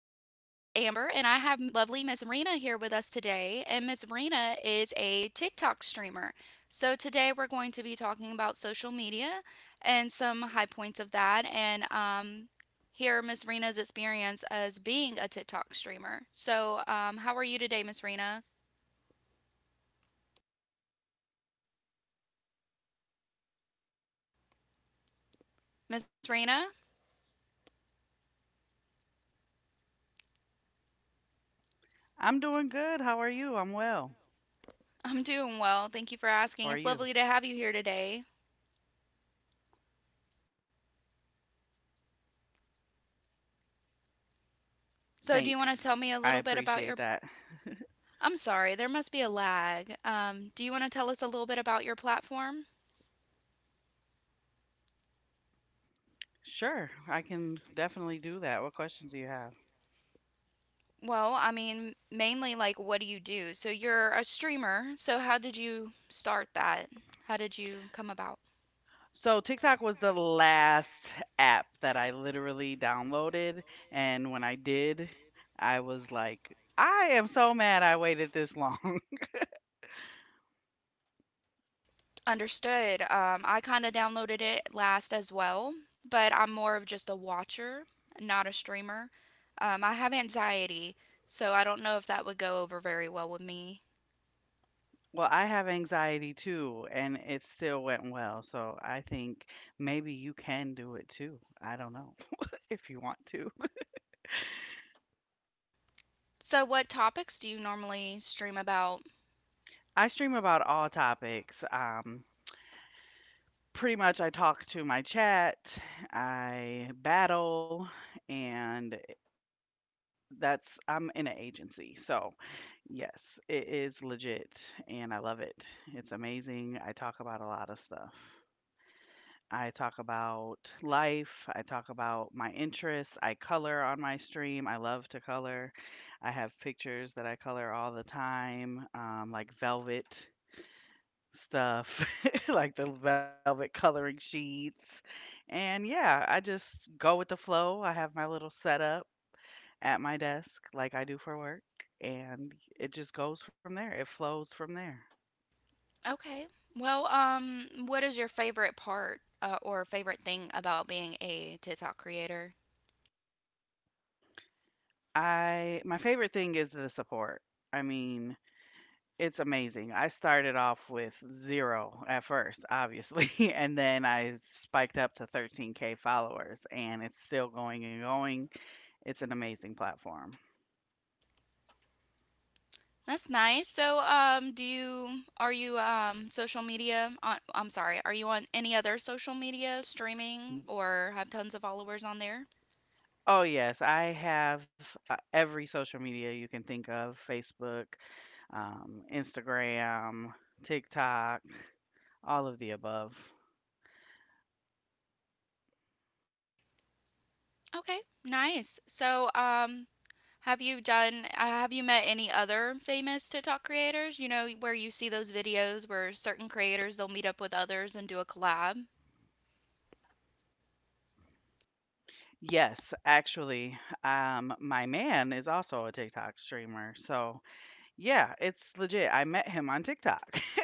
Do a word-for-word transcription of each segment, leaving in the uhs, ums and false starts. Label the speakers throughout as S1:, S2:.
S1: Amber, and I have m- lovely Miss Rena here with us today. And Miss Rena is a TikTok streamer. So today we're going to be talking about social media and some high points of that, and um, hear Miss Rena's experience as being a TikTok streamer. So, um, how are you today, Miss Rena?
S2: I'm doing good. How are you? I'm well.
S1: Miss Rena,
S2: Yes, I'm here. I'm doing well. How are you?
S1: I'm
S2: Can you
S1: doing
S2: hear me
S1: well. Thank you
S2: okay?
S1: for asking. It's lovely to have you here today.
S2: Thanks. I appreciate
S1: So,
S2: that.
S1: do you want to tell me a little bit about your— I'm sorry, there must be a lag. Um, do you want to tell us a little bit about your platform?
S2: Sure, I can definitely do that. What questions do you have?
S1: Well, I mean, mainly like what do you do? So you're a streamer, so how did you start that? How did you come about?
S2: So, TikTok was the last app that I literally downloaded. And when I did, I was like, I am so mad I waited this long.
S1: Understood. Um, I kind of downloaded it last as well, but I'm more of just a watcher, not a streamer. Um, I have anxiety, so I don't know if that would go over very well with me.
S2: Well, I have anxiety too, and it still went well, so I think maybe you can do it too. I don't know if you want to.
S1: So, what topics do you normally stream about?
S2: I stream about all topics. Um, pretty much, I talk to my chat, I battle, and that's I'm in an agency. So, yes, it is legit, and I love it. It's amazing. I talk about a lot of stuff. I talk about life. I talk about my interests. I color on my stream. I love to color. I have pictures that I color all the time, um, like velvet stuff, like the velvet coloring sheets. And yeah, I just go with the flow. I have my little setup at my desk, like I do for work, and it just goes from there. It flows from there.
S1: Okay. Well, um, what is your favorite part uh, or favorite thing about being a TikTok creator?
S2: I My favorite thing is the support. I mean, it's amazing. I started off with zero at first, obviously, and then I spiked up to thirteen K followers, and it's still going and going. It's an amazing platform.
S1: That's nice. So, um, do you are you um social media on, I'm sorry, are you on any other social media streaming
S2: Mm.
S1: or have tons of followers on there?
S2: Oh, yes, I have uh, every social media you can think of: Facebook, um, Instagram, TikTok, all of the above.
S1: Okay. Nice. So, um, have you done uh, have you met any other famous TikTok creators? You know, where you see those videos where certain creators they'll meet up with others and do a collab.
S2: Yes, actually, um, my man is also a TikTok streamer. So, yeah, it's legit. I met him on TikTok.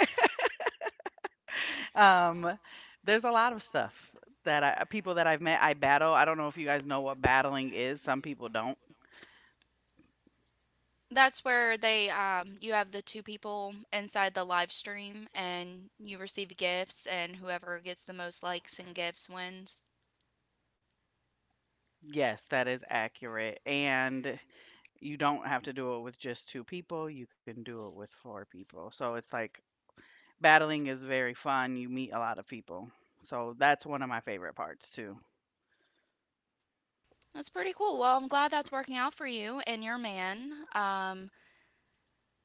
S2: Um, there's a lot of stuff that I uh, people that I've met, I battle. I don't know if you guys know what battling is. Some people don't.
S1: That's where they um you have the two people inside the live stream and you receive gifts and whoever gets the most likes and gifts wins.
S2: Yes, that is accurate. And you don't have to do it with just two people. You can do it with four people. So it's like battling is very fun. You meet a lot of people. So that's one of my favorite parts too.
S1: That's pretty cool. Well, I'm glad that's working out for you and your man. Um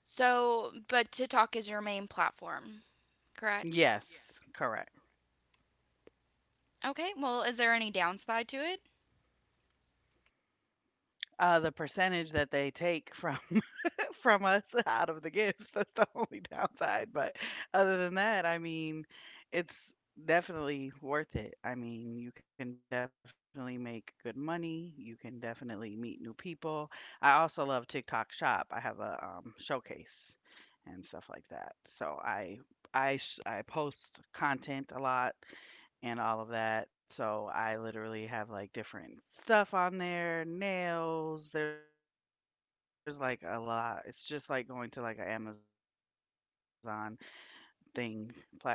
S1: So but TikTok is your main platform, correct?
S2: Yes, correct.
S1: Okay. Well, is there any downside to it?
S2: Uh, the percentage that they take from from us out of the gifts. That's the only downside. But other than that, I mean, it's definitely worth it. I mean, you can definitely make good money. You can definitely meet new people. I also love TikTok Shop. I have a um, showcase and stuff like that. So I. I, sh- I post content a lot and all of that. So I literally have like different stuff on there, nails. There's like a lot. It's just like going to like an Amazon thing platform, you know. So,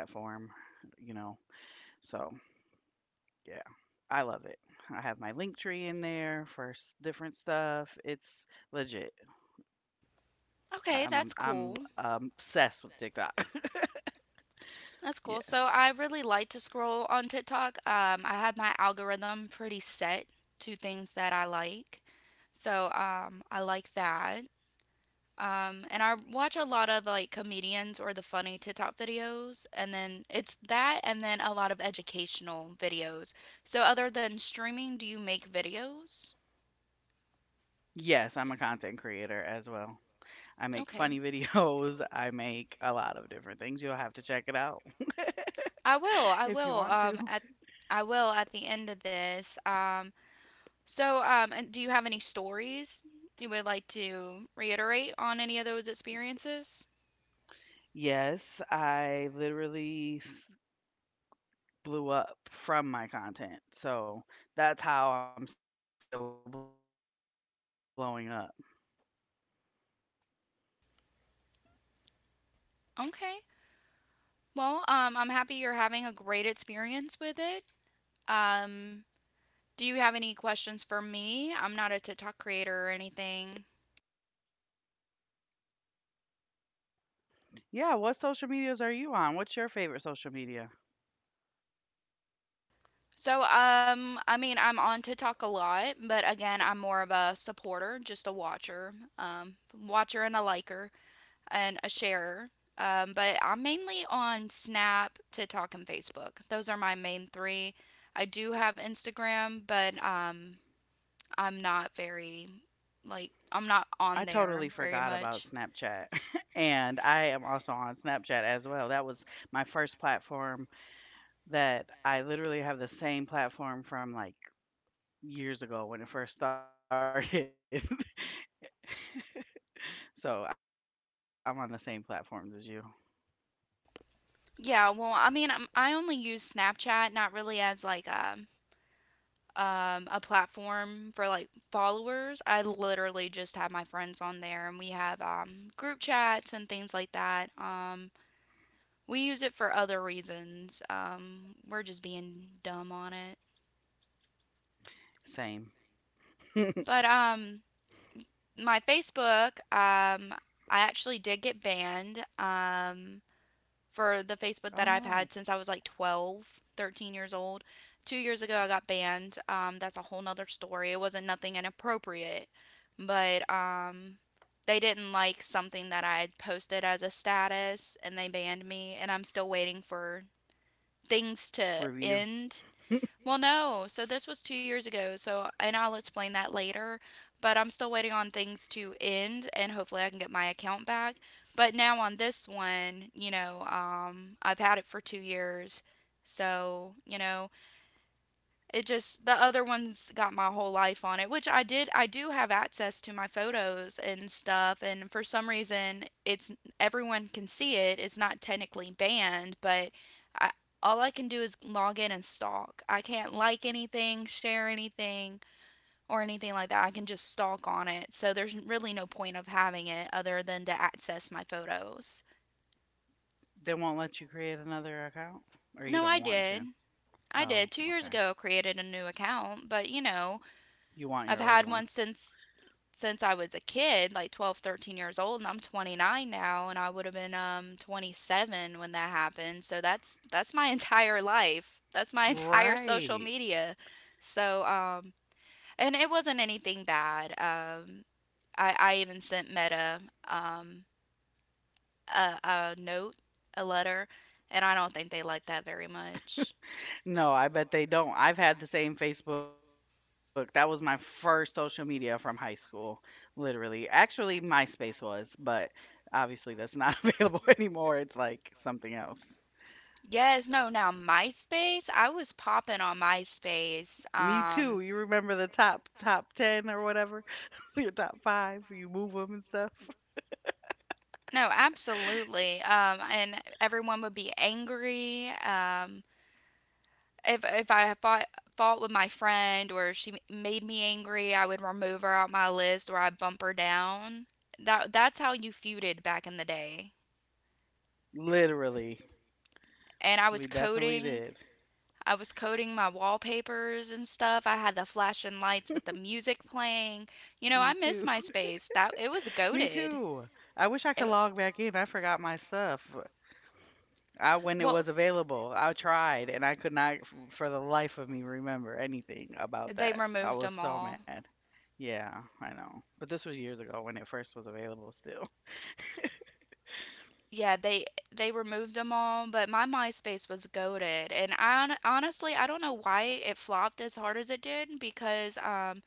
S2: yeah. I love it. I have my link tree in there for s- different stuff. It's legit. I'm I'm, I'm um,
S1: Okay, that's
S2: obsessed
S1: cool.
S2: with TikTok. yes.
S1: That's cool. So I really like to scroll on TikTok. Um, I have my algorithm pretty set to things that I like. So um, I like that. Um, and I watch a lot of like comedians or the funny TikTok videos. And then it's that and then a lot of educational videos. So other than streaming, do you make videos?
S2: Yes, I'm a content creator as well. I make
S1: Okay.
S2: funny videos. I make a lot of different things. You'll have to check it out
S1: will I will. I
S2: if you
S1: will.
S2: want
S1: Um,
S2: to.
S1: at I will at the end of this. Um, so um, and do you have any stories you would like to reiterate on any of those experiences?
S2: Yes, I literally s- blew up from my content. So that's how I'm still blowing up.
S1: Okay. Well, um, I'm happy you're having a great experience with it. Um, do you have any questions for me? I'm not a TikTok creator or anything.
S2: Yeah, what social medias are you on? What's your favorite social media?
S1: So, um, I mean, I'm on TikTok a lot, but again, I'm more of a supporter, just a watcher, um, watcher and a liker and a sharer. Um, but I'm mainly on Snap, TikTok, and Facebook. Those are my main three. I do have Instagram, but um, I'm not very, like, I'm not
S2: I
S1: on
S2: totally
S1: there
S2: forgot
S1: very
S2: about
S1: much.
S2: Snapchat. and I am also on Snapchat as well. That was my first platform that I literally have the same platform from like years ago when it first started. so I'm on the same platforms as you.
S1: Yeah, well, I mean, i I only use Snapchat, not really as like a um, a platform for like followers. I literally just have my friends on there and we have um, group chats and things like that. Um, we use it for other reasons. Um, we're just being dumb on it.
S2: Same.
S1: But um, my Facebook, um, I actually did get banned. Um, for the
S2: Oh
S1: Facebook that
S2: no.
S1: I've had since I was like twelve, thirteen years old. Two years ago, I got banned. Um, that's a whole nother story. It wasn't nothing inappropriate, but um, they didn't like something that I had posted as a status and they banned me. And I'm still waiting for things to
S2: Review.
S1: end. Well, no. So this was two years ago. So, and I'll explain that later. But I'm still waiting on things to end, and hopefully I can get my account back. But now on this one, you know, um, I've had it for two years. So, you know, it just the other one's got my whole life on it, which I did I do have access to my photos and stuff, and for some reason it's everyone can see it. It's not technically banned, but I all I can do is log in and stalk. I can't like anything, share anything or anything like that. I can just stalk on it. So there's really no point of having it other than to access my photos.
S2: They won't let you create another account? Or you
S1: No,
S2: don't
S1: I
S2: want to?
S1: did. I
S2: Oh,
S1: did. Two years
S2: okay.
S1: ago, I created a new account, but you know,
S2: You want
S1: I've
S2: your old
S1: had
S2: one.
S1: one since since I was a kid, like twelve, thirteen years old, and I'm twenty-nine now, and I would have been um twenty-seven when that happened. So that's that's my entire life. That's my entire social
S2: Right.
S1: media. So um and it wasn't anything bad. Um I I even sent Meta um a, a note, a letter, and I don't think they liked that very much.
S2: No, I bet they don't. I've had the same Facebook. That was my first social media from high school, literally. Actually, MySpace was, but obviously that's not available anymore. It's like something else.
S1: Yes, no, now MySpace, I was popping on MySpace.
S2: Me
S1: Um
S2: too. You remember the top top ten or whatever? Your top five, you move them and stuff.
S1: No, absolutely. Um, and everyone would be angry. Um, if if I fought fought with my friend or she made me angry, I would remove her out my list or I'd bump her down. That that's how you feuded back in the day.
S2: Literally.
S1: And I was
S2: We definitely
S1: coding.
S2: did.
S1: I was coding my wallpapers and stuff. I had the flashing lights with the music playing. You
S2: Me
S1: know, I
S2: too.
S1: miss MySpace. That it was
S2: Me
S1: goaded.
S2: too. I wish I could
S1: It,
S2: log back in. I forgot my stuff. I when it
S1: well,
S2: was available, I tried and I could not f- for the life of me remember anything about
S1: they
S2: that. I
S1: removed
S2: was
S1: them
S2: so
S1: all.
S2: mad. Yeah, I know. But this was years ago when it first was available still.
S1: Yeah, they they removed them all, but my MySpace was goaded, and I hon- honestly I don't know why it flopped as hard as it did, because um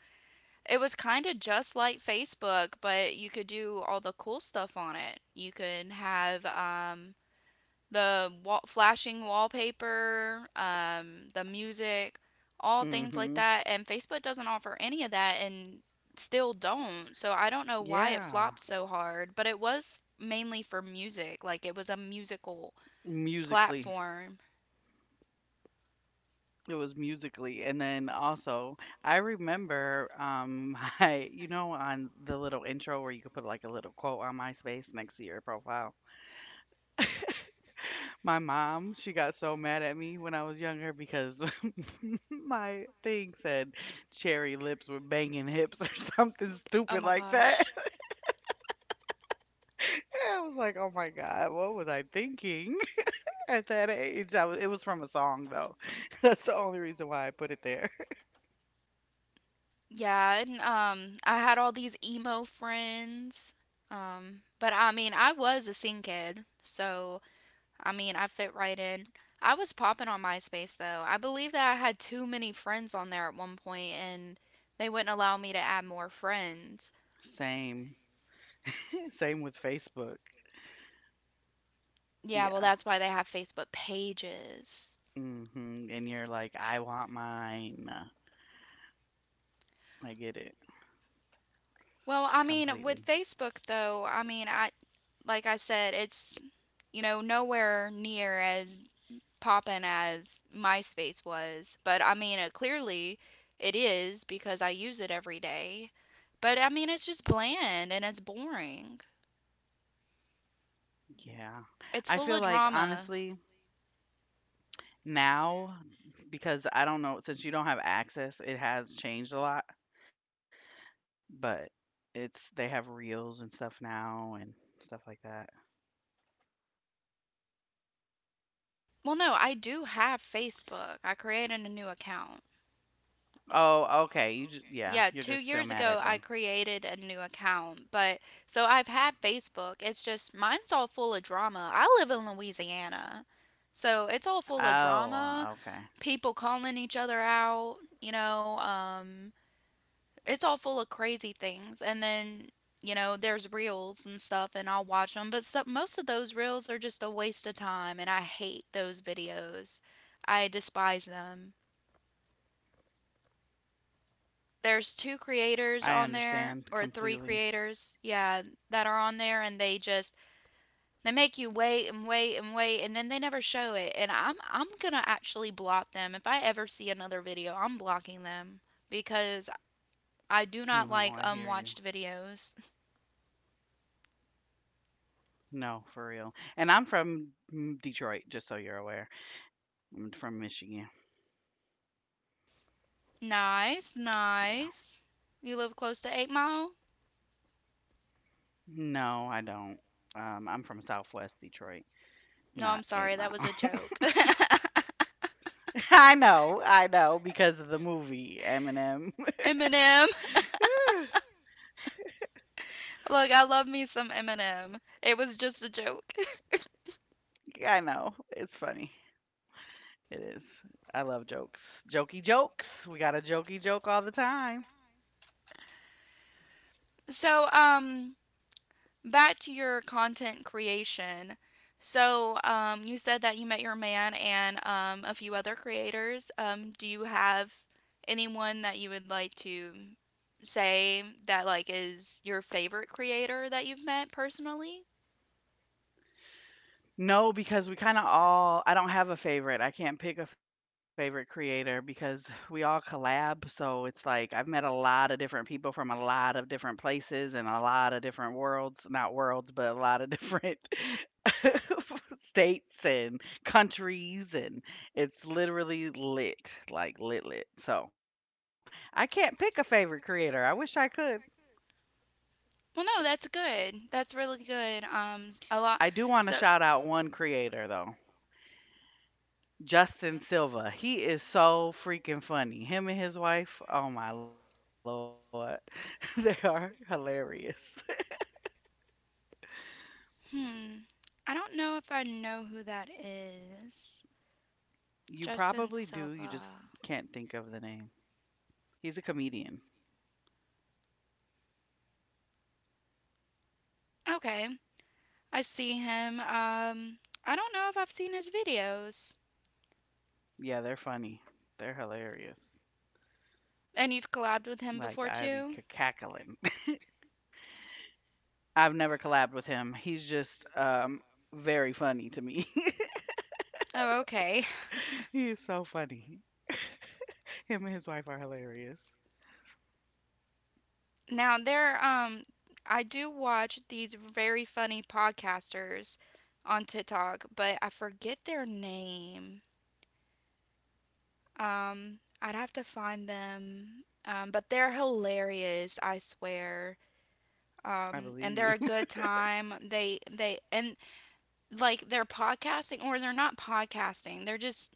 S1: it was kind of just like Facebook, but you could do all the cool stuff on it. You could have um the wall, flashing wallpaper, um, the music, all things like
S2: Mhm.
S1: that. And Facebook doesn't offer any of that and still don't. So I don't know why it
S2: Yeah.
S1: flopped so hard, but it was mainly for music. Like it was a musical
S2: Musically.
S1: platform.
S2: It was musically. And then also, I remember um my you know on the little intro where you could put like a little quote on MySpace next to your profile. My mom, she got so mad at me when I was younger because my thing said cherry lips with banging hips or something
S1: Oh
S2: stupid
S1: my
S2: like that.
S1: gosh.
S2: I was like, oh my God, what was I thinking at that age? I was, it was from a song, though. That's the only reason why I put it there.
S1: Yeah, and um I had all these emo friends. Um but I mean, I was a scene kid, so I mean, I fit right in. I was popping on MySpace though. I believe that I had too many friends on there at one point and they wouldn't allow me to add more friends.
S2: Same. Same with Facebook.
S1: Yeah, well,
S2: Yeah.
S1: that's why they have Facebook pages.
S2: Hmm. And you're like, I want mine. I get it
S1: Well, I mean, with
S2: completely.
S1: Facebook though, I mean, I like I said, it's, you know, nowhere near as poppin' as MySpace was, but I mean, uh, clearly it is because I use it every day. But I mean, it's just bland and it's boring.
S2: Yeah.
S1: It's
S2: I
S1: full
S2: feel
S1: of
S2: like,
S1: drama.
S2: honestly, now, because I don't know, since you don't have access, it has changed a lot, but it's they have reels and stuff now and stuff like that.
S1: Well, no, I do have Facebook. I created a new account.
S2: Oh, okay. You just, yeah,
S1: Yeah,
S2: you're
S1: two
S2: just so
S1: years
S2: mad
S1: ago
S2: at
S1: I
S2: them.
S1: created a new account, but so I've had Facebook. It's just mine's all full of drama. I live in Louisiana, so it's all full of drama,
S2: Oh, okay.
S1: people calling each other out, you know, um, it's all full of crazy things. And then you know there's reels and stuff and I'll watch them, but so most of those reels are just a waste of time, and I hate those videos. I despise them. There's two
S2: I
S1: creators
S2: understand
S1: on there,
S2: completely.
S1: or three creators, yeah, that are on there, and they just they make you wait and wait and wait, and then they never show it. And i'm i'm gonna actually block them. If I ever see another video, I'm blocking them, because I do not
S2: No, I
S1: like
S2: hear you.
S1: unwatched videos.
S2: No, for real. And I'm from mm, Detroit, just so you're aware. I'm from Michigan.
S1: Nice,
S2: Yeah.
S1: nice. You live close to eight Mile?
S2: No, I don't. Um, I'm from Southwest Detroit,
S1: No, I'm
S2: not Eight
S1: sorry, that was
S2: Mile.
S1: a joke. I
S2: I know,
S1: know,
S2: I know, because of the movie Eminem.
S1: I know. Move Eminem. Eminem. Look, I love me some Eminem. It was just a joke.
S2: I know, it's funny. It is. I love jokes. Jokey jokes. We got a jokey joke all the time.
S1: So, um, back to your content creation. So, um, you said that you met your man and um, a few other creators. Um, do you have anyone that you would like to say that like is your favorite creator that you've met personally?
S2: No, because we kinda all I don't have a favorite, I can't pick a favorite creator because we all collab, so it's like I've met a lot of different people from a lot of different places and a lot of different worlds, not worlds, but a lot of different states and countries, and it's literally lit, like lit lit. So, I can't pick a favorite creator, I wish I could.
S1: Well, no, that's good. That's really good. Um, a lot.
S2: I do
S1: So,
S2: wanna shout out one creator though. Justin Silva. He is so freaking funny. Him and his wife, oh my lord. They are hilarious.
S1: hmm, I don't know if I know who that is.
S2: You probably do, you
S1: Justin
S2: just can't think
S1: Silva.
S2: of the name. He's a comedian.
S1: Okay, I see him. Um, I don't know if I've seen his videos.
S2: Yeah, they're funny. They're hilarious.
S1: And you've
S2: Like I
S1: collabed
S2: be
S1: with
S2: c-
S1: him before
S2: cackling.
S1: too?
S2: I've never collabed with him. He's just um very funny to me.
S1: Oh, okay.
S2: he is so funny. Him and his wife are hilarious.
S1: Now there, um, I do watch these very funny podcasters on TikTok, but I forget their name. Um, I'd have to find them. Um, but they're hilarious, I swear.
S2: I
S1: Um,
S2: believe
S1: and they're a
S2: you.
S1: good time. They they and like they're podcasting or they're not podcasting. They're just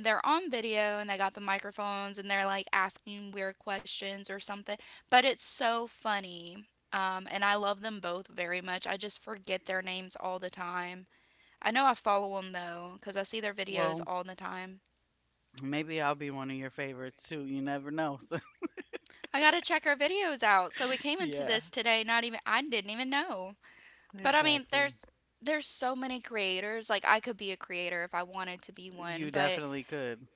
S1: they're on video and they got the microphones and they're like asking weird questions or something. But it's so funny. Um, and I love them both very much. I just forget their names all the time. I know I follow them though, because I see their videos
S2: Well,
S1: all the time.
S2: maybe I'll be one of your favorites too. You never know. So,
S1: I gotta check our videos out. So we came into
S2: yeah.
S1: this today, not even I didn't even know. But I mean,
S2: Exactly.
S1: there's there's so many creators. Like I could be a creator if I wanted to be one,
S2: You
S1: but
S2: definitely could.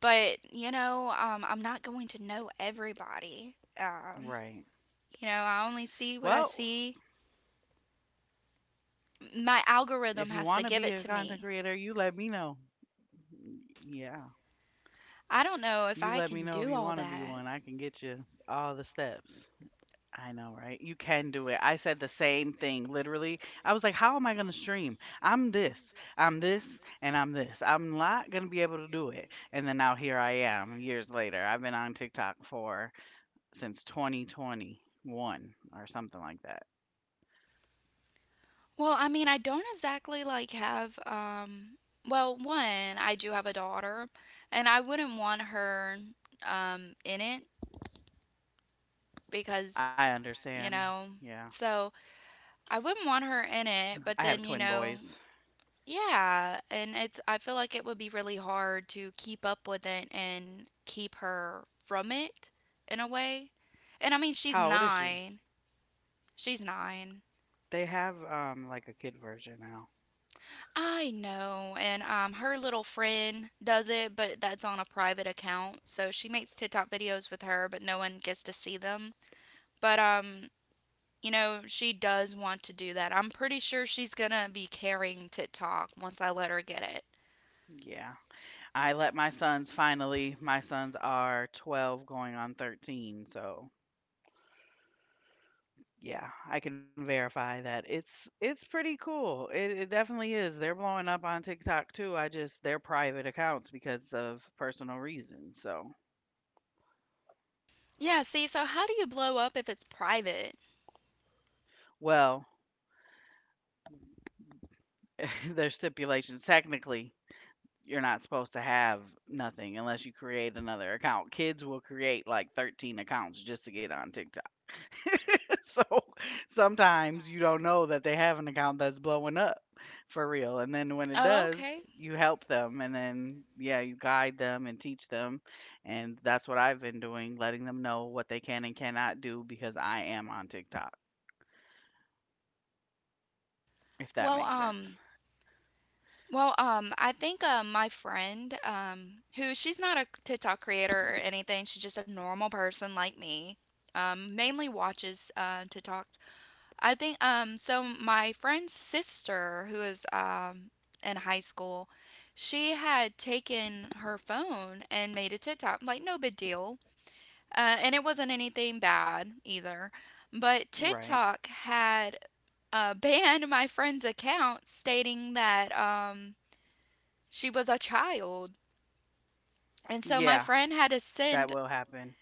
S1: but you know, um, I'm not going to know everybody. Um,
S2: Right.
S1: you know, I only see what I
S2: Well,
S1: see. My
S2: if you want
S1: algorithm
S2: to
S1: has
S2: be
S1: to
S2: a
S1: give it
S2: content
S1: to
S2: creator,
S1: me.
S2: you let me know. Yeah.
S1: I
S2: You
S1: don't
S2: let me
S1: know
S2: know
S1: if
S2: if you
S1: I
S2: want to
S1: can
S2: be
S1: do
S2: one.
S1: all
S2: I can
S1: that.
S2: get you all the steps. I know, right? You can do it. I said the same thing, literally. I was like, how am I going to stream? I'm this, I'm this, and I'm this. I'm not going to be able to do it. And then now here I am years later. I've been on TikTok for since twenty twenty-one or something like that.
S1: Well, I mean, I don't exactly like have um well, one, I do have a daughter and I wouldn't want her um in it because,
S2: I
S1: you
S2: understand.
S1: know,
S2: Yeah.
S1: so I wouldn't want her in it,
S2: I
S1: but
S2: have
S1: then, you
S2: twin
S1: know,
S2: boys.
S1: yeah, and it's I feel like it would be really hard to keep up with it and keep her from it in a way. And I mean, she's
S2: How old is she?
S1: nine. She's nine.
S2: They have um like a kid version now.
S1: I know, and um, her little friend does it, but that's on a private account. So she makes TikTok videos with her, but no one gets to see them. But um, you know, she does want to do that. I'm pretty sure she's gonna be carrying TikTok once I let her get it.
S2: Yeah. I let my sons finally my sons are twelve going on thirteen, so yeah, I can verify that. It's it's pretty cool. It it definitely is. They're blowing up on TikTok too. I just they're private accounts because of personal reasons. So,
S1: Yeah, see, so how do you blow up if it's private?
S2: well, their stipulations technically you're not supposed to have nothing unless you create another account. Kids will create like thirteen accounts just to get on TikTok. so sometimes you don't know that they have an account that's blowing up for real. And then when it
S1: Oh,
S2: does,
S1: okay.
S2: you help them and then, yeah, you guide them and teach them. And that's what I've been doing, letting them know what they can and cannot do because I am on TikTok, if that
S1: Well,
S2: makes sense.
S1: um, Well, um, I think um, my friend, um, who she's not a TikTok creator or anything, she's just a normal person like me. Um, mainly watches uh, TikToks. I think um, so. My friend's sister, who is um, in high school, she had taken her phone and made a TikTok. Like no big deal, uh, and it wasn't anything bad either. But
S2: Right.
S1: TikTok had uh, banned my friend's account, stating that. Um, she was a child. And so my
S2: Yeah,
S1: friend had to
S2: that
S1: send,
S2: will happen.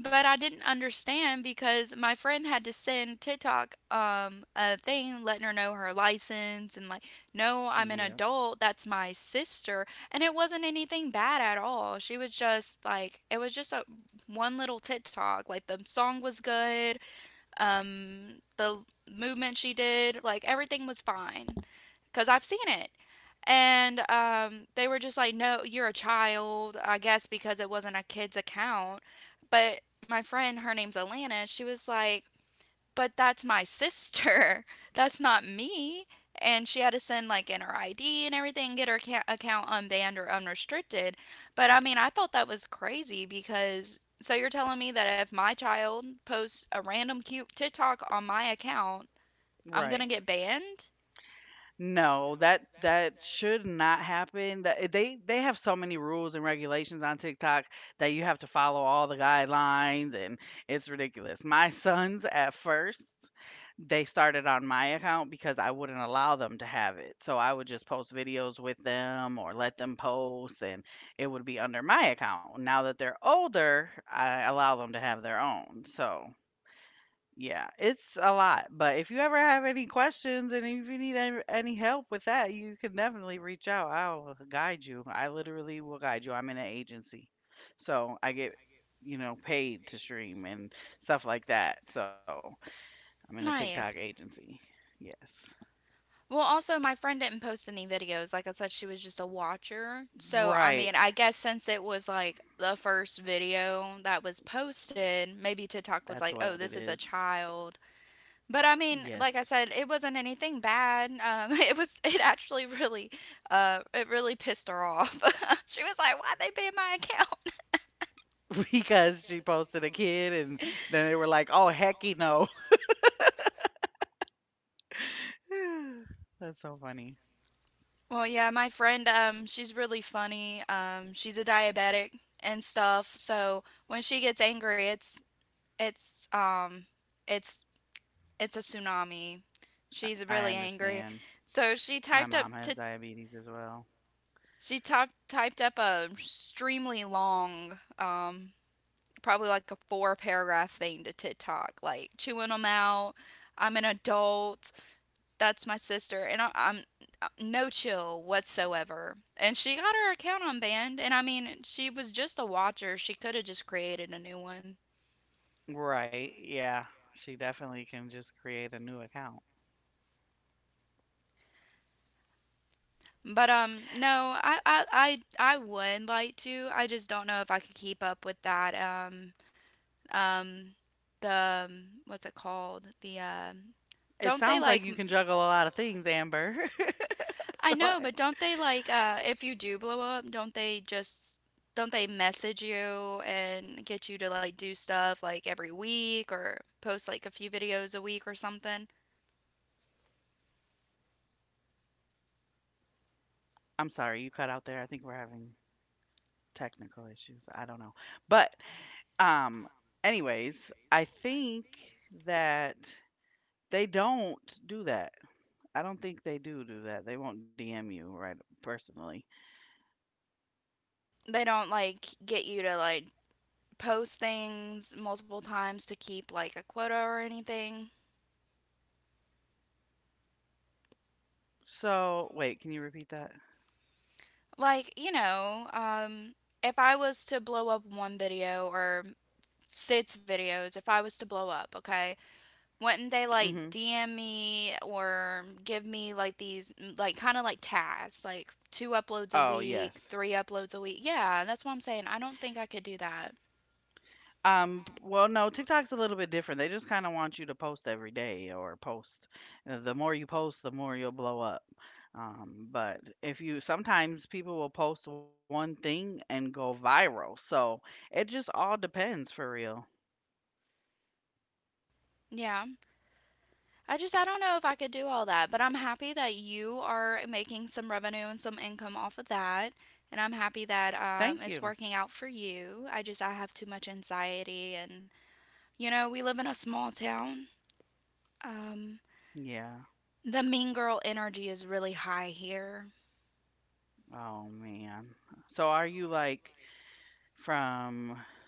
S1: but I didn't understand because my friend had to send TikTok um, a thing letting her know her license and like, no, I'm an
S2: Yeah.
S1: adult. That's my sister. And it wasn't anything bad at all. She was just like, it was just a one little TikTok. Like the song was good. Um, the movement she did, like everything was fine because I've seen it. And um, they were just like, no, you're a child, I guess, because it wasn't a kid's account. But my friend, her name's Alana, she was like, but that's my sister. That's not me. And she had to send like in her I D and everything, get her ca- account unbanned or unrestricted. But I mean, I thought that was crazy because so you're telling me that if my child posts a random cute TikTok on my account, I'm
S2: Right.
S1: gonna get banned?
S2: No, that that should not happen. That eh, they they have so many rules and regulations on TikTok that you have to follow all the guidelines, and it's ridiculous. My sons at first, they started on my account because I wouldn't allow them to have it. So I would just post videos with them or let them post and it would be under my account. Now that they're older, I allow them to have their own. So yeah, it's a lot, but if you ever have any questions and if you need any, any help with that, you can definitely reach out. I'll guide you. I literally will guide you. I'm in an agency. So I get, you know, paid to stream and stuff like that. So I'm in a TikTok
S1: Nice.
S2: agency. Yes.
S1: Well, also, my friend didn't post any videos. Like I said, she was just a watcher. So, I
S2: Right.
S1: mean, I guess since it was like the first video that was posted, maybe TikTok was
S2: That's
S1: like,
S2: what
S1: oh,
S2: it
S1: this is a
S2: is.
S1: child. But I mean,
S2: Yes.
S1: like I said, it wasn't anything bad. Um, it was, it actually really, uh, it really pissed her off. She was like, why'd they ban my account?
S2: Because she posted a kid and then they were like, oh, hecky no. That's so funny.
S1: Well, yeah, my friend, um, she's really funny. Um, she's a diabetic and stuff. So when she gets angry, it's it's um it's it's a tsunami. She's
S2: I
S1: really angry.
S2: understand.
S1: So she
S2: My
S1: typed
S2: mom
S1: up
S2: has
S1: to
S2: diabetes as well.
S1: she typed typed up a extremely long um probably like a four paragraph thing to TikTok like chewing them out. I'm an adult. That's my sister and I, I'm uh, no chill whatsoever. And she got her account unbanned and I mean she was just a watcher. She could have just created a new one.
S2: Right. Yeah. She definitely can just create a new account.
S1: But um no, I I I I would like to. I just don't know if I could keep up with that um um the um, what's it called? The
S2: It sounds
S1: um
S2: like you can
S1: don't
S2: juggle
S1: they
S2: a lot
S1: like
S2: of
S1: m-
S2: things, Amber. so I,
S1: I know, but don't they like uh if you do blow up, don't they just don't they message you and get you to like do stuff like every week or post like a few videos a week or something?
S2: I'm sorry you cut out there. I think we're having technical issues. I don't know. But um anyways, I think that they don't do that. I don't think they do do that. They won't D M you right personally.
S1: They don't like get you to like post things multiple times to keep like a quota or anything.
S2: So, wait, can you repeat that?
S1: Like, you know, um, if I was to blow up one video or six videos, if I was to blow up, okay, wouldn't they like
S2: Mhm.
S1: D M me or give me like these, like, kind of like tasks, like two uploads a
S2: Oh,
S1: week,
S2: yes.
S1: three uploads a week? Yeah, that's what I'm saying. I don't think I could do that.
S2: Um, well, no, TikTok's a little bit different. They just kind of want you to post every day or post. uh, The more you post, the more you'll blow up. Um, but if you sometimes people will post one thing and go viral. So it just all depends for real.
S1: Yeah. I just I don't know if I could do all that, but I'm happy that you are making some revenue and some income off of that, and I'm happy that um, it's
S2: Thank
S1: working
S2: you.
S1: out for you. I just I have too much anxiety, and you know we live in a small town. Um,
S2: Yeah.
S1: the mean girl energy is really high here.
S2: Oh man. So are you like from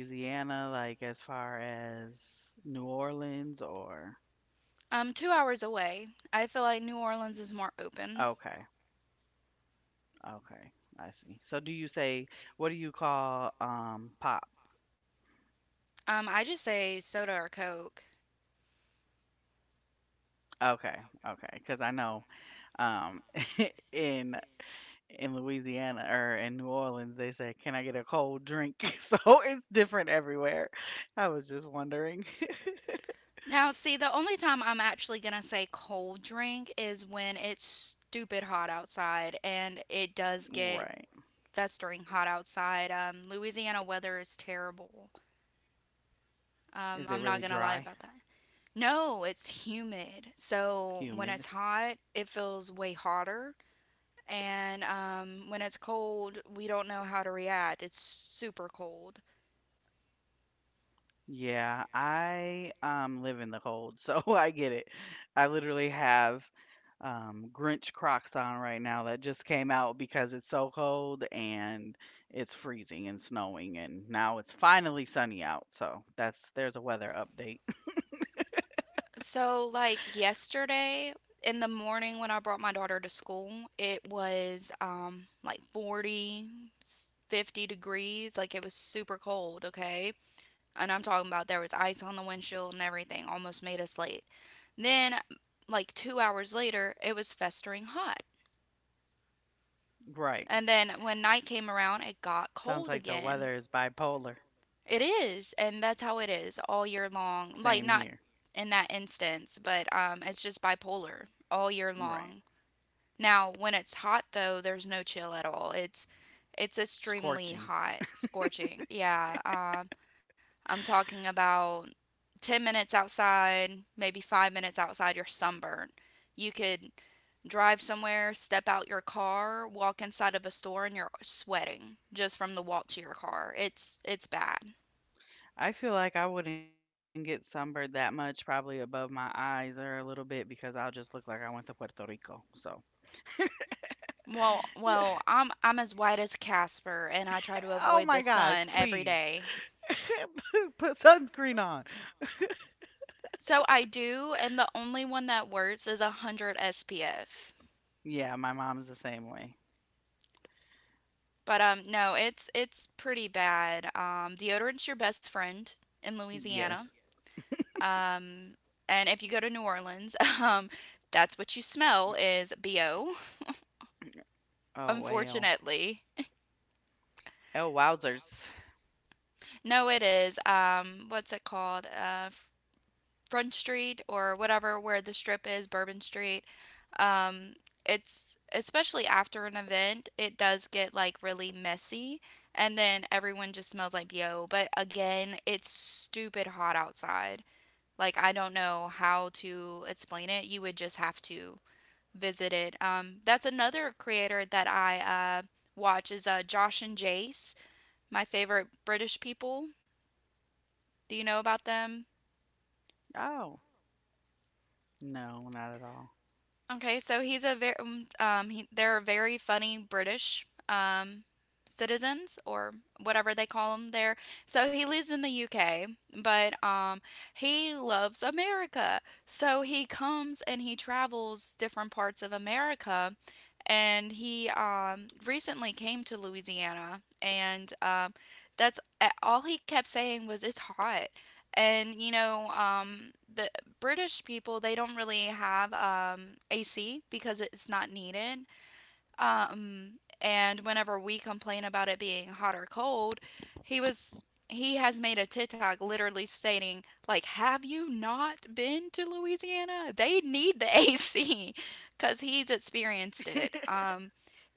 S2: Louisiana, like as far as New Orleans or
S1: Um, two hours away, I feel like New Orleans is more open.
S2: okay. Okay, I see. So do you say what do you call um pop?
S1: Um, I just say soda or Coke.
S2: Okay, okay, because I know um in in Louisiana or in New Orleans they say, "Can I get a cold drink?" So it's different everywhere. I was just wondering.
S1: Now, see, the only time I'm actually gonna say cold drink is when it's stupid hot outside, and it does get
S2: Right.
S1: festering hot outside. Um, Louisiana weather is terrible. Um,
S2: Is
S1: I'm
S2: it
S1: not
S2: really
S1: gonna lie
S2: dry?
S1: about that. No, it's humid. So when it's
S2: Humid?
S1: hot, it feels way hotter. And um, when it's cold, we don't know how to react. It's super cold.
S2: Yeah, I um live in the cold, so I get it. I literally have um Grinch Crocs on right now that just came out because it's so cold and it's freezing and snowing and now it's finally sunny out, so that's there's a weather update.
S1: So, like yesterday in the morning when I brought my daughter to school, it was um like forty, s- fifty degrees, like it was super cold, okay? And I'm talking about there was ice on the windshield and everything, almost made us late. Then like two hours later, it was festering hot.
S2: Right.
S1: And then when night came around, it got
S2: Sounds
S1: cold
S2: like the
S1: again.
S2: weather is bipolar.
S1: It is, and that's how it is all year long. Like
S2: Same
S1: not
S2: here.
S1: in that instance, but um, it's just bipolar all year
S2: Right.
S1: long. Now, when it's hot though, there's no chill at all. It's it's extremely
S2: Scorching.
S1: hot, scorching. Yeah, um, I'm talking about ten minutes outside, maybe five minutes outside, you're sunburned. You could drive somewhere, step out your car, walk inside of a store, and you're sweating just from the walk to your car. It's it's bad.
S2: I feel like I wouldn't get sunburned that much, probably above my eyes or a little bit because I'll just look like I went to Puerto Rico. So
S1: Well, well, I'm I'm as white as Casper, and I try to
S2: oh
S1: avoid
S2: my
S1: the
S2: gosh,
S1: sun every
S2: please.
S1: day.
S2: Put sunscreen on.
S1: So I do, and the only one that works is a hundred S P F.
S2: Yeah, my mom's the same way.
S1: But um, no, it's it's pretty bad. Um, deodorant's your best friend in Louisiana.
S2: Yes.
S1: Um, and if you go to New Orleans, um, that's what you smell is bo.
S2: Oh, well.
S1: Unfortunately,
S2: Oh, wowzers.
S1: no, it is. Um, what's it called? Uh, Front Street or whatever, where the strip is, Bourbon Street. Um, it's especially after an event, it does get like really messy, and then everyone just smells like bo. But again, it's stupid hot outside. Like I don't know how to explain it. You would just have to visited. Um, that's another creator that I uh, watch is uh, Josh and Jace, my favorite British people. Do you know about them?
S2: Oh, no, not at all.
S1: Okay, so he's a very um um, he, they're very funny British um citizens or whatever they call them there. So he lives in the U K, but um he loves America. So he comes and he travels different parts of America and he um recently came to Louisiana and um that's all he kept saying was it's hot. And you know, um, the British people they don't really have um, A C because it's not needed. Um, and whenever we complain about it being hot or cold, he was he has made a TikTok literally stating like, "Have you not been to Louisiana? They need the A C," because he's experienced it. Um,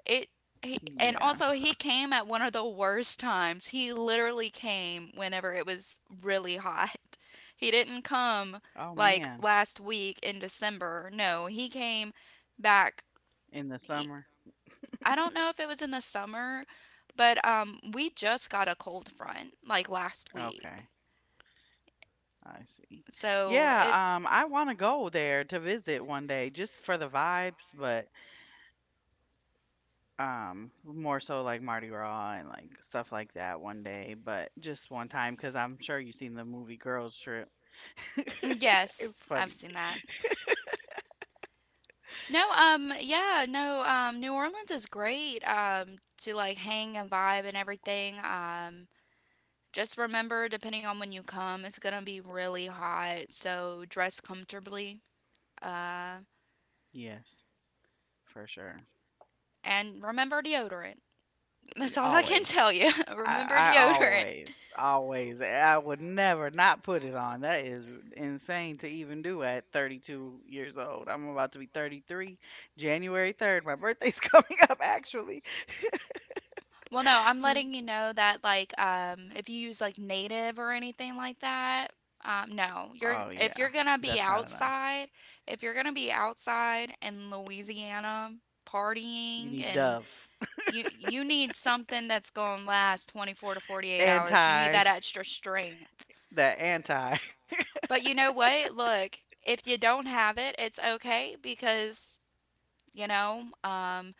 S1: it he, and
S2: Yeah.
S1: also he came at one of the worst times. He literally came whenever it was really hot. He didn't come
S2: Oh,
S1: like
S2: man.
S1: last week in December. No, he came back
S2: In the
S1: I
S2: summer?
S1: I don't know if it was in the summer, but um we just got a cold front like last week.
S2: Okay. I see.
S1: So it
S2: Yeah, um, I want to go there to visit one day just for the vibes, but um, more so like Mardi Gras and like stuff like that one day, but just one time because I'm sure you've seen the movie Girls Trip.
S1: Yes,
S2: It's
S1: I've
S2: funny.
S1: seen that. No, um, yeah, no, um, New Orleans is great, um, to like hang and vibe and everything. Um, just remember, depending on when you come, it's gonna be really hot, so dress comfortably. Uh,
S2: Yes, for sure.
S1: and remember deodorant. That's all I can
S2: Always.
S1: tell you. Remember
S2: I, I
S1: deodorant.
S2: always, always, I would never not put it on. That is insane to even do at thirty-two years old. I'm about to be 33 January 3rd. My birthday's coming up, actually.
S1: Well, no, I'm
S2: So,
S1: letting you know that like um if you use like native or anything like that, um no.
S2: oh,
S1: You're
S2: yeah.
S1: If you're gonna
S2: That's
S1: be
S2: not enough.
S1: outside, if you're gonna be outside in Louisiana
S2: You
S1: partying
S2: need Dove.
S1: and you you need something that's gonna last twenty-four to forty-eight hours. You need
S2: Anti,
S1: that extra strength.
S2: that anti.
S1: But you know what? Look, if you don't have it, it's okay because, you know, um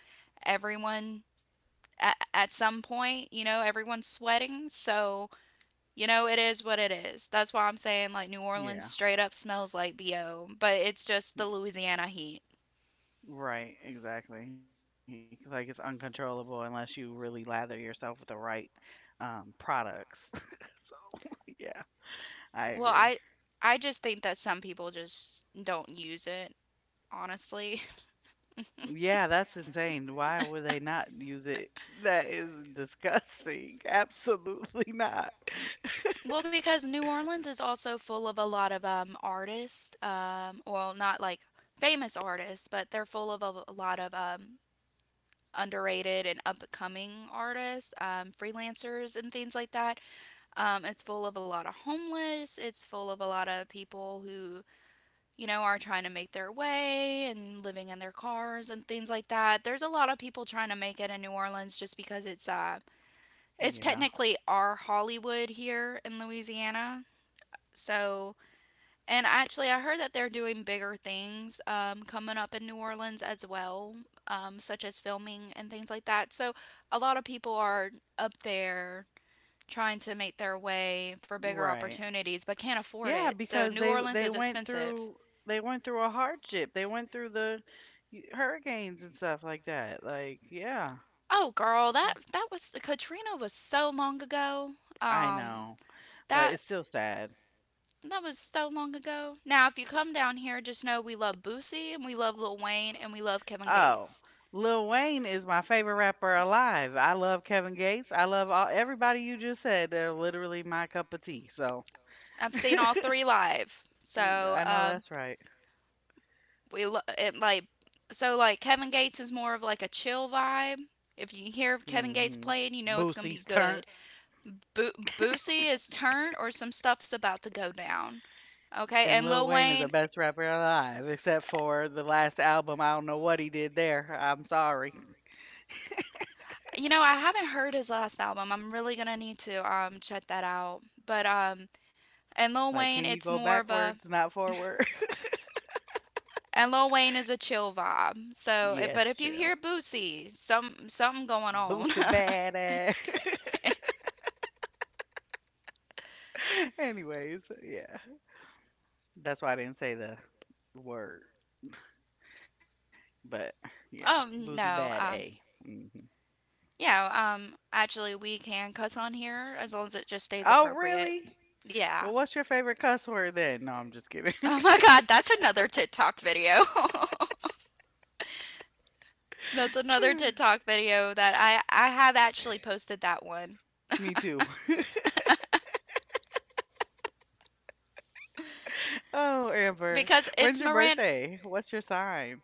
S1: everyone at, at some point, you know, everyone's sweating, so You know, it is what it is. That's why I'm saying like New
S2: Yeah.
S1: Orleans straight up smells like B O, but it's just the Louisiana heat.
S2: Right, exactly. It's like it's uncontrollable unless you really lather yourself with the right um, products. so, yeah, I agree.
S1: Well, I I just think that some people just don't use it, honestly.
S2: Yeah, that's insane. Why would they not use it? That is disgusting. Absolutely not.
S1: Well, because New Orleans is also full of a lot of um artists, um well, not like famous artists, but they're full of a, a lot of um underrated and up and coming artists, um, freelancers, and things like that. Um, it's full of a lot of homeless. It's full of a lot of people who you know, are trying to make their way and living in their cars and things like that. There's a lot of people trying to make it in New Orleans just because it's uh it's
S2: Yeah.
S1: technically our Hollywood here in Louisiana. So, and actually I heard that they're doing bigger things um coming up in New Orleans as well, um such as filming and things like that. So, a lot of people are up there trying to make their way for bigger
S2: Right.
S1: opportunities but can't afford
S2: Yeah,
S1: it. So,
S2: because
S1: New
S2: they
S1: Orleans
S2: they
S1: is
S2: went
S1: expensive.
S2: through they went through a hardship. They went through the hurricanes and stuff like that. Like, yeah,
S1: Oh, girl, that that was Katrina was so long ago.
S2: I
S1: Um,
S2: know, but
S1: that
S2: it's still sad.
S1: that was so long ago. Now, if you come down here, just know we love Boosie and we love Lil Wayne and we love Kevin
S2: Oh,
S1: Gates.
S2: Lil Wayne is my favorite rapper alive. I love Kevin Gates. I love all everybody you just said. They're literally my cup of tea. So
S1: I've seen all three live,
S2: mm,
S1: so
S2: I know
S1: um,
S2: that's right.
S1: we lo- it like so like Kevin Gates is more of like a chill vibe. If you hear Kevin
S2: Hmm.
S1: Gates playing, you know it's
S2: Boosie's
S1: gonna be
S2: turn.
S1: good. Bo- Boosie is turned or some stuff's about to go down. Okay,
S2: And
S1: and
S2: Lil
S1: Lil
S2: Wayne is the
S1: Wayne,
S2: best rapper alive, except for the last album. I don't know what he did there. I'm sorry.
S1: you know, I haven't heard his last album. I'm really gonna need to um check that out. But um, and Lil
S2: Like, can
S1: Wayne,
S2: you
S1: it's
S2: go
S1: more of
S2: backwards,
S1: a
S2: not forward?
S1: and Lil Wayne is a chill vibe. So, it,
S2: Yes,
S1: but if you
S2: chill.
S1: hear Boosie, some something going on.
S2: Boosie badass. Anyways, yeah. That's why I didn't say the word. But yeah, boozy
S1: oh
S2: bad
S1: no,
S2: A.
S1: um,
S2: Hmm.
S1: yeah, um, actually we can cuss on here as long as it just stays Oh,
S2: Oh,
S1: appropriate.
S2: really?
S1: Really? Yeah.
S2: Well, what's your favorite cuss word then? No, I'm just kidding.
S1: Oh my god, that's another TikTok video. That's another TikTok video that I I have actually posted that one
S2: Me too. Oh, Amber,
S1: because it's
S2: when's your
S1: Miranda.
S2: birthday? What's your sign?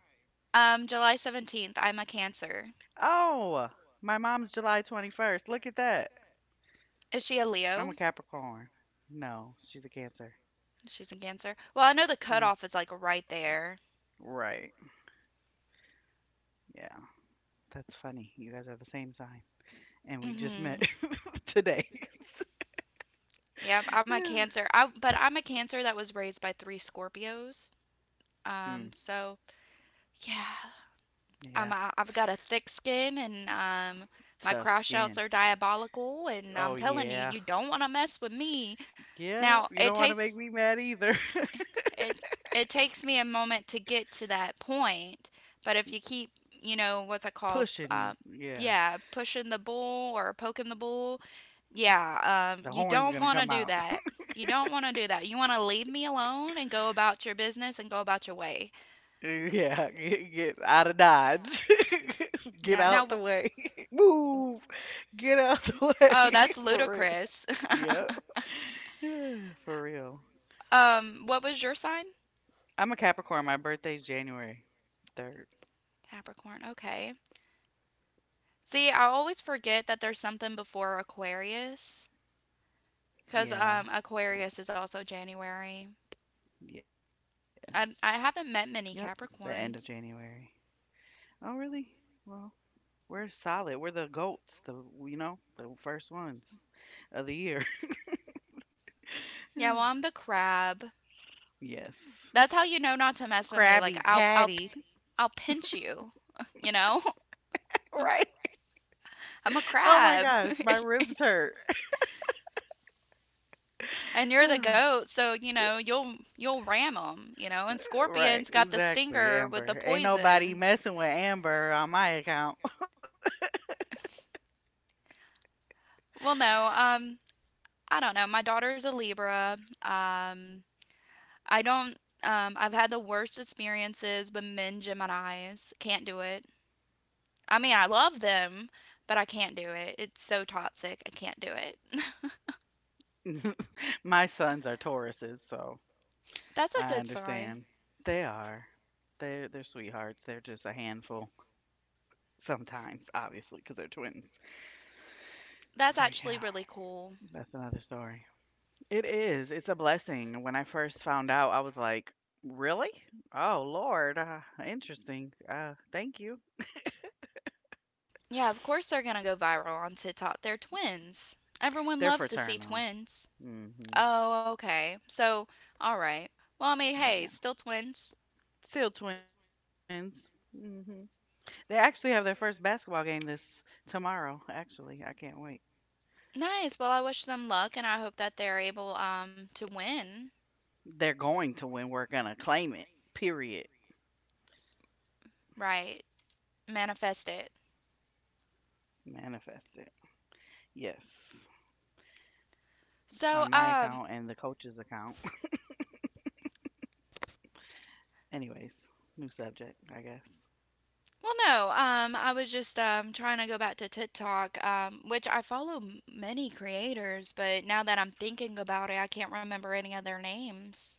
S1: Um, July seventeenth. I'm a Cancer.
S2: Oh, my mom's July twenty-first. Look at that.
S1: Is she a
S2: I'm a
S1: Leo?
S2: Capricorn. No, she's a Cancer.
S1: She's a Cancer. Well, I know the
S2: Mm,
S1: cutoff is like right there.
S2: right. Yeah, that's funny. You guys are the same sign. And we just
S1: Mm-hmm.
S2: met today.
S1: Yep, I'm a Cancer. I But I'm a Cancer that was raised by three Scorpios.
S2: Mm,
S1: Um, so yeah, I'm
S2: yeah,
S1: a, I've got a thick skin and um my
S2: tough
S1: crash outs
S2: skin.
S1: are diabolical and
S2: Oh,
S1: I'm telling you
S2: yeah.
S1: you don't want to mess with me.
S2: Yeah,
S1: Now,
S2: you
S1: it
S2: don't want to
S1: takes
S2: make me mad either.
S1: it it takes me a moment to get to that point, but if you keep, you know, what's it called
S2: Pushing you.
S1: um
S2: Yeah.
S1: yeah, pushing the bull or poking the bull. Yeah, um,
S2: The
S1: you
S2: horn's
S1: don't
S2: gonna
S1: want to
S2: come
S1: do
S2: out.
S1: that. You don't want to do that. You want to leave me alone and go about your business and go about your way.
S2: Yeah, get, get out of dodge. Get
S1: Yeah.
S2: out
S1: Now,
S2: the way. Move. Get out the
S1: oh,
S2: way.
S1: that's
S2: For real.
S1: ludicrous.
S2: Yep. For real.
S1: Um, what was your sign?
S2: I'm a Capricorn. My birthday's January third.
S1: Capricorn. Okay. See, I always forget that there's something before Aquarius because
S2: Yeah.
S1: um Aquarius is also January.
S2: Yes.
S1: I I
S2: Yep.
S1: haven't met
S2: The
S1: many
S2: end of January.
S1: Capricorns.
S2: Oh, really? Well, we're solid. We're the goats. The you know the first ones of the year.
S1: Yeah, well, I'm the crab.
S2: Yes.
S1: That's how you know not to mess with me. Like
S2: Krabby
S1: I'll I'll p-
S2: Patty.
S1: I'll pinch you, you know?
S2: Right.
S1: I'm a
S2: Oh my
S1: crab.
S2: gosh, my ribs hurt.
S1: And you're the goat, so you know, you'll you'll ram them, you know? And
S2: Right.
S1: Scorpion's got the
S2: Exactly,
S1: stinger with the
S2: Amber. Ain't nobody
S1: poison.
S2: messing with Amber on my account.
S1: Well, no. Um I don't know. My daughter's a Libra. Um, I don't. Um, I've had the worst experiences with men Geminis. Can't do it. I mean, I love them, but I can't do it. It's so toxic. I can't do it.
S2: My sons are Tauruses, so
S1: That's a good
S2: I
S1: sign.
S2: understand. They are. They're they're sweethearts. They're just a handful sometimes, obviously, because they're twins. So
S1: That's
S2: yeah,
S1: actually really cool.
S2: that's another story. It is, it's a blessing. When I first found out, I was like, "Really? Oh, Lord, uh, interesting. Uh, thank you."
S1: Yeah, of course they're gonna go viral on TikTok. They're twins. Everyone loves to see
S2: They're
S1: twins.
S2: fraternal.
S1: Oh,
S2: Mhm.
S1: okay. So, all right. Well, I mean, hey, still
S2: Yeah.
S1: twins.
S2: Still twins. Mhm. They actually have their first basketball game this tomorrow, actually. I can't wait.
S1: Nice. Well, I wish them luck, and I hope that they're able um to win.
S2: They're going to win. We're gonna claim it. Period.
S1: Right. Manifest it.
S2: Manifest it. Yes.
S1: So,
S2: On my
S1: um,
S2: account and the coach's account. Anyways, new subject, I guess.
S1: well, no, um, I was just um, trying to go back to TikTok, um, which I follow m- many creators, but now that I'm thinking about it, I can't remember any of their names.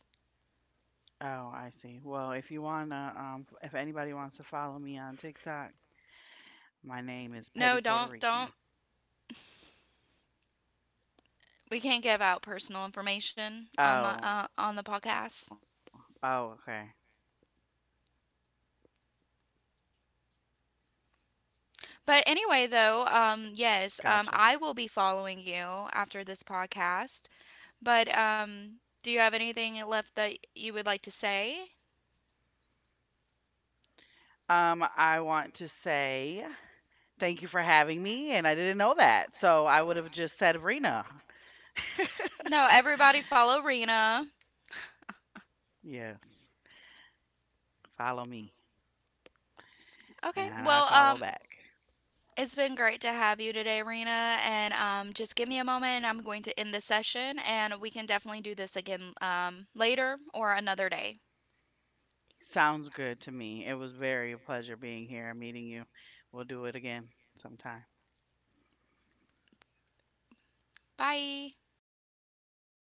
S2: Oh, I see. Well, if you wanna, um, if anybody wants to follow me on TikTok, my
S1: No,
S2: name is
S1: don't,
S2: Petty
S1: don't.
S2: Puerto Rican.
S1: We can't give out personal information on the uh, on the
S2: Oh, oh,
S1: podcast.
S2: okay,
S1: But anyway,
S2: gotcha.
S1: though, um, yes, um, I will be following you after this podcast. But um, do you have anything left that you would like to say?
S2: Um, I want to say thank you for having me, and I didn't know that, so I would have just said Rena.
S1: No, everybody follow Rena.
S2: Yes, follow me,
S1: Okay. Well,
S2: and
S1: um,
S2: I follow back.
S1: it's been great to have you today, Rena. And um, just give me a moment, and I'm going to end the session, and we can definitely do this again um, later or another day.
S2: Sounds good to me. It was very a pleasure being here and meeting you. We'll do it again sometime.
S1: Bye.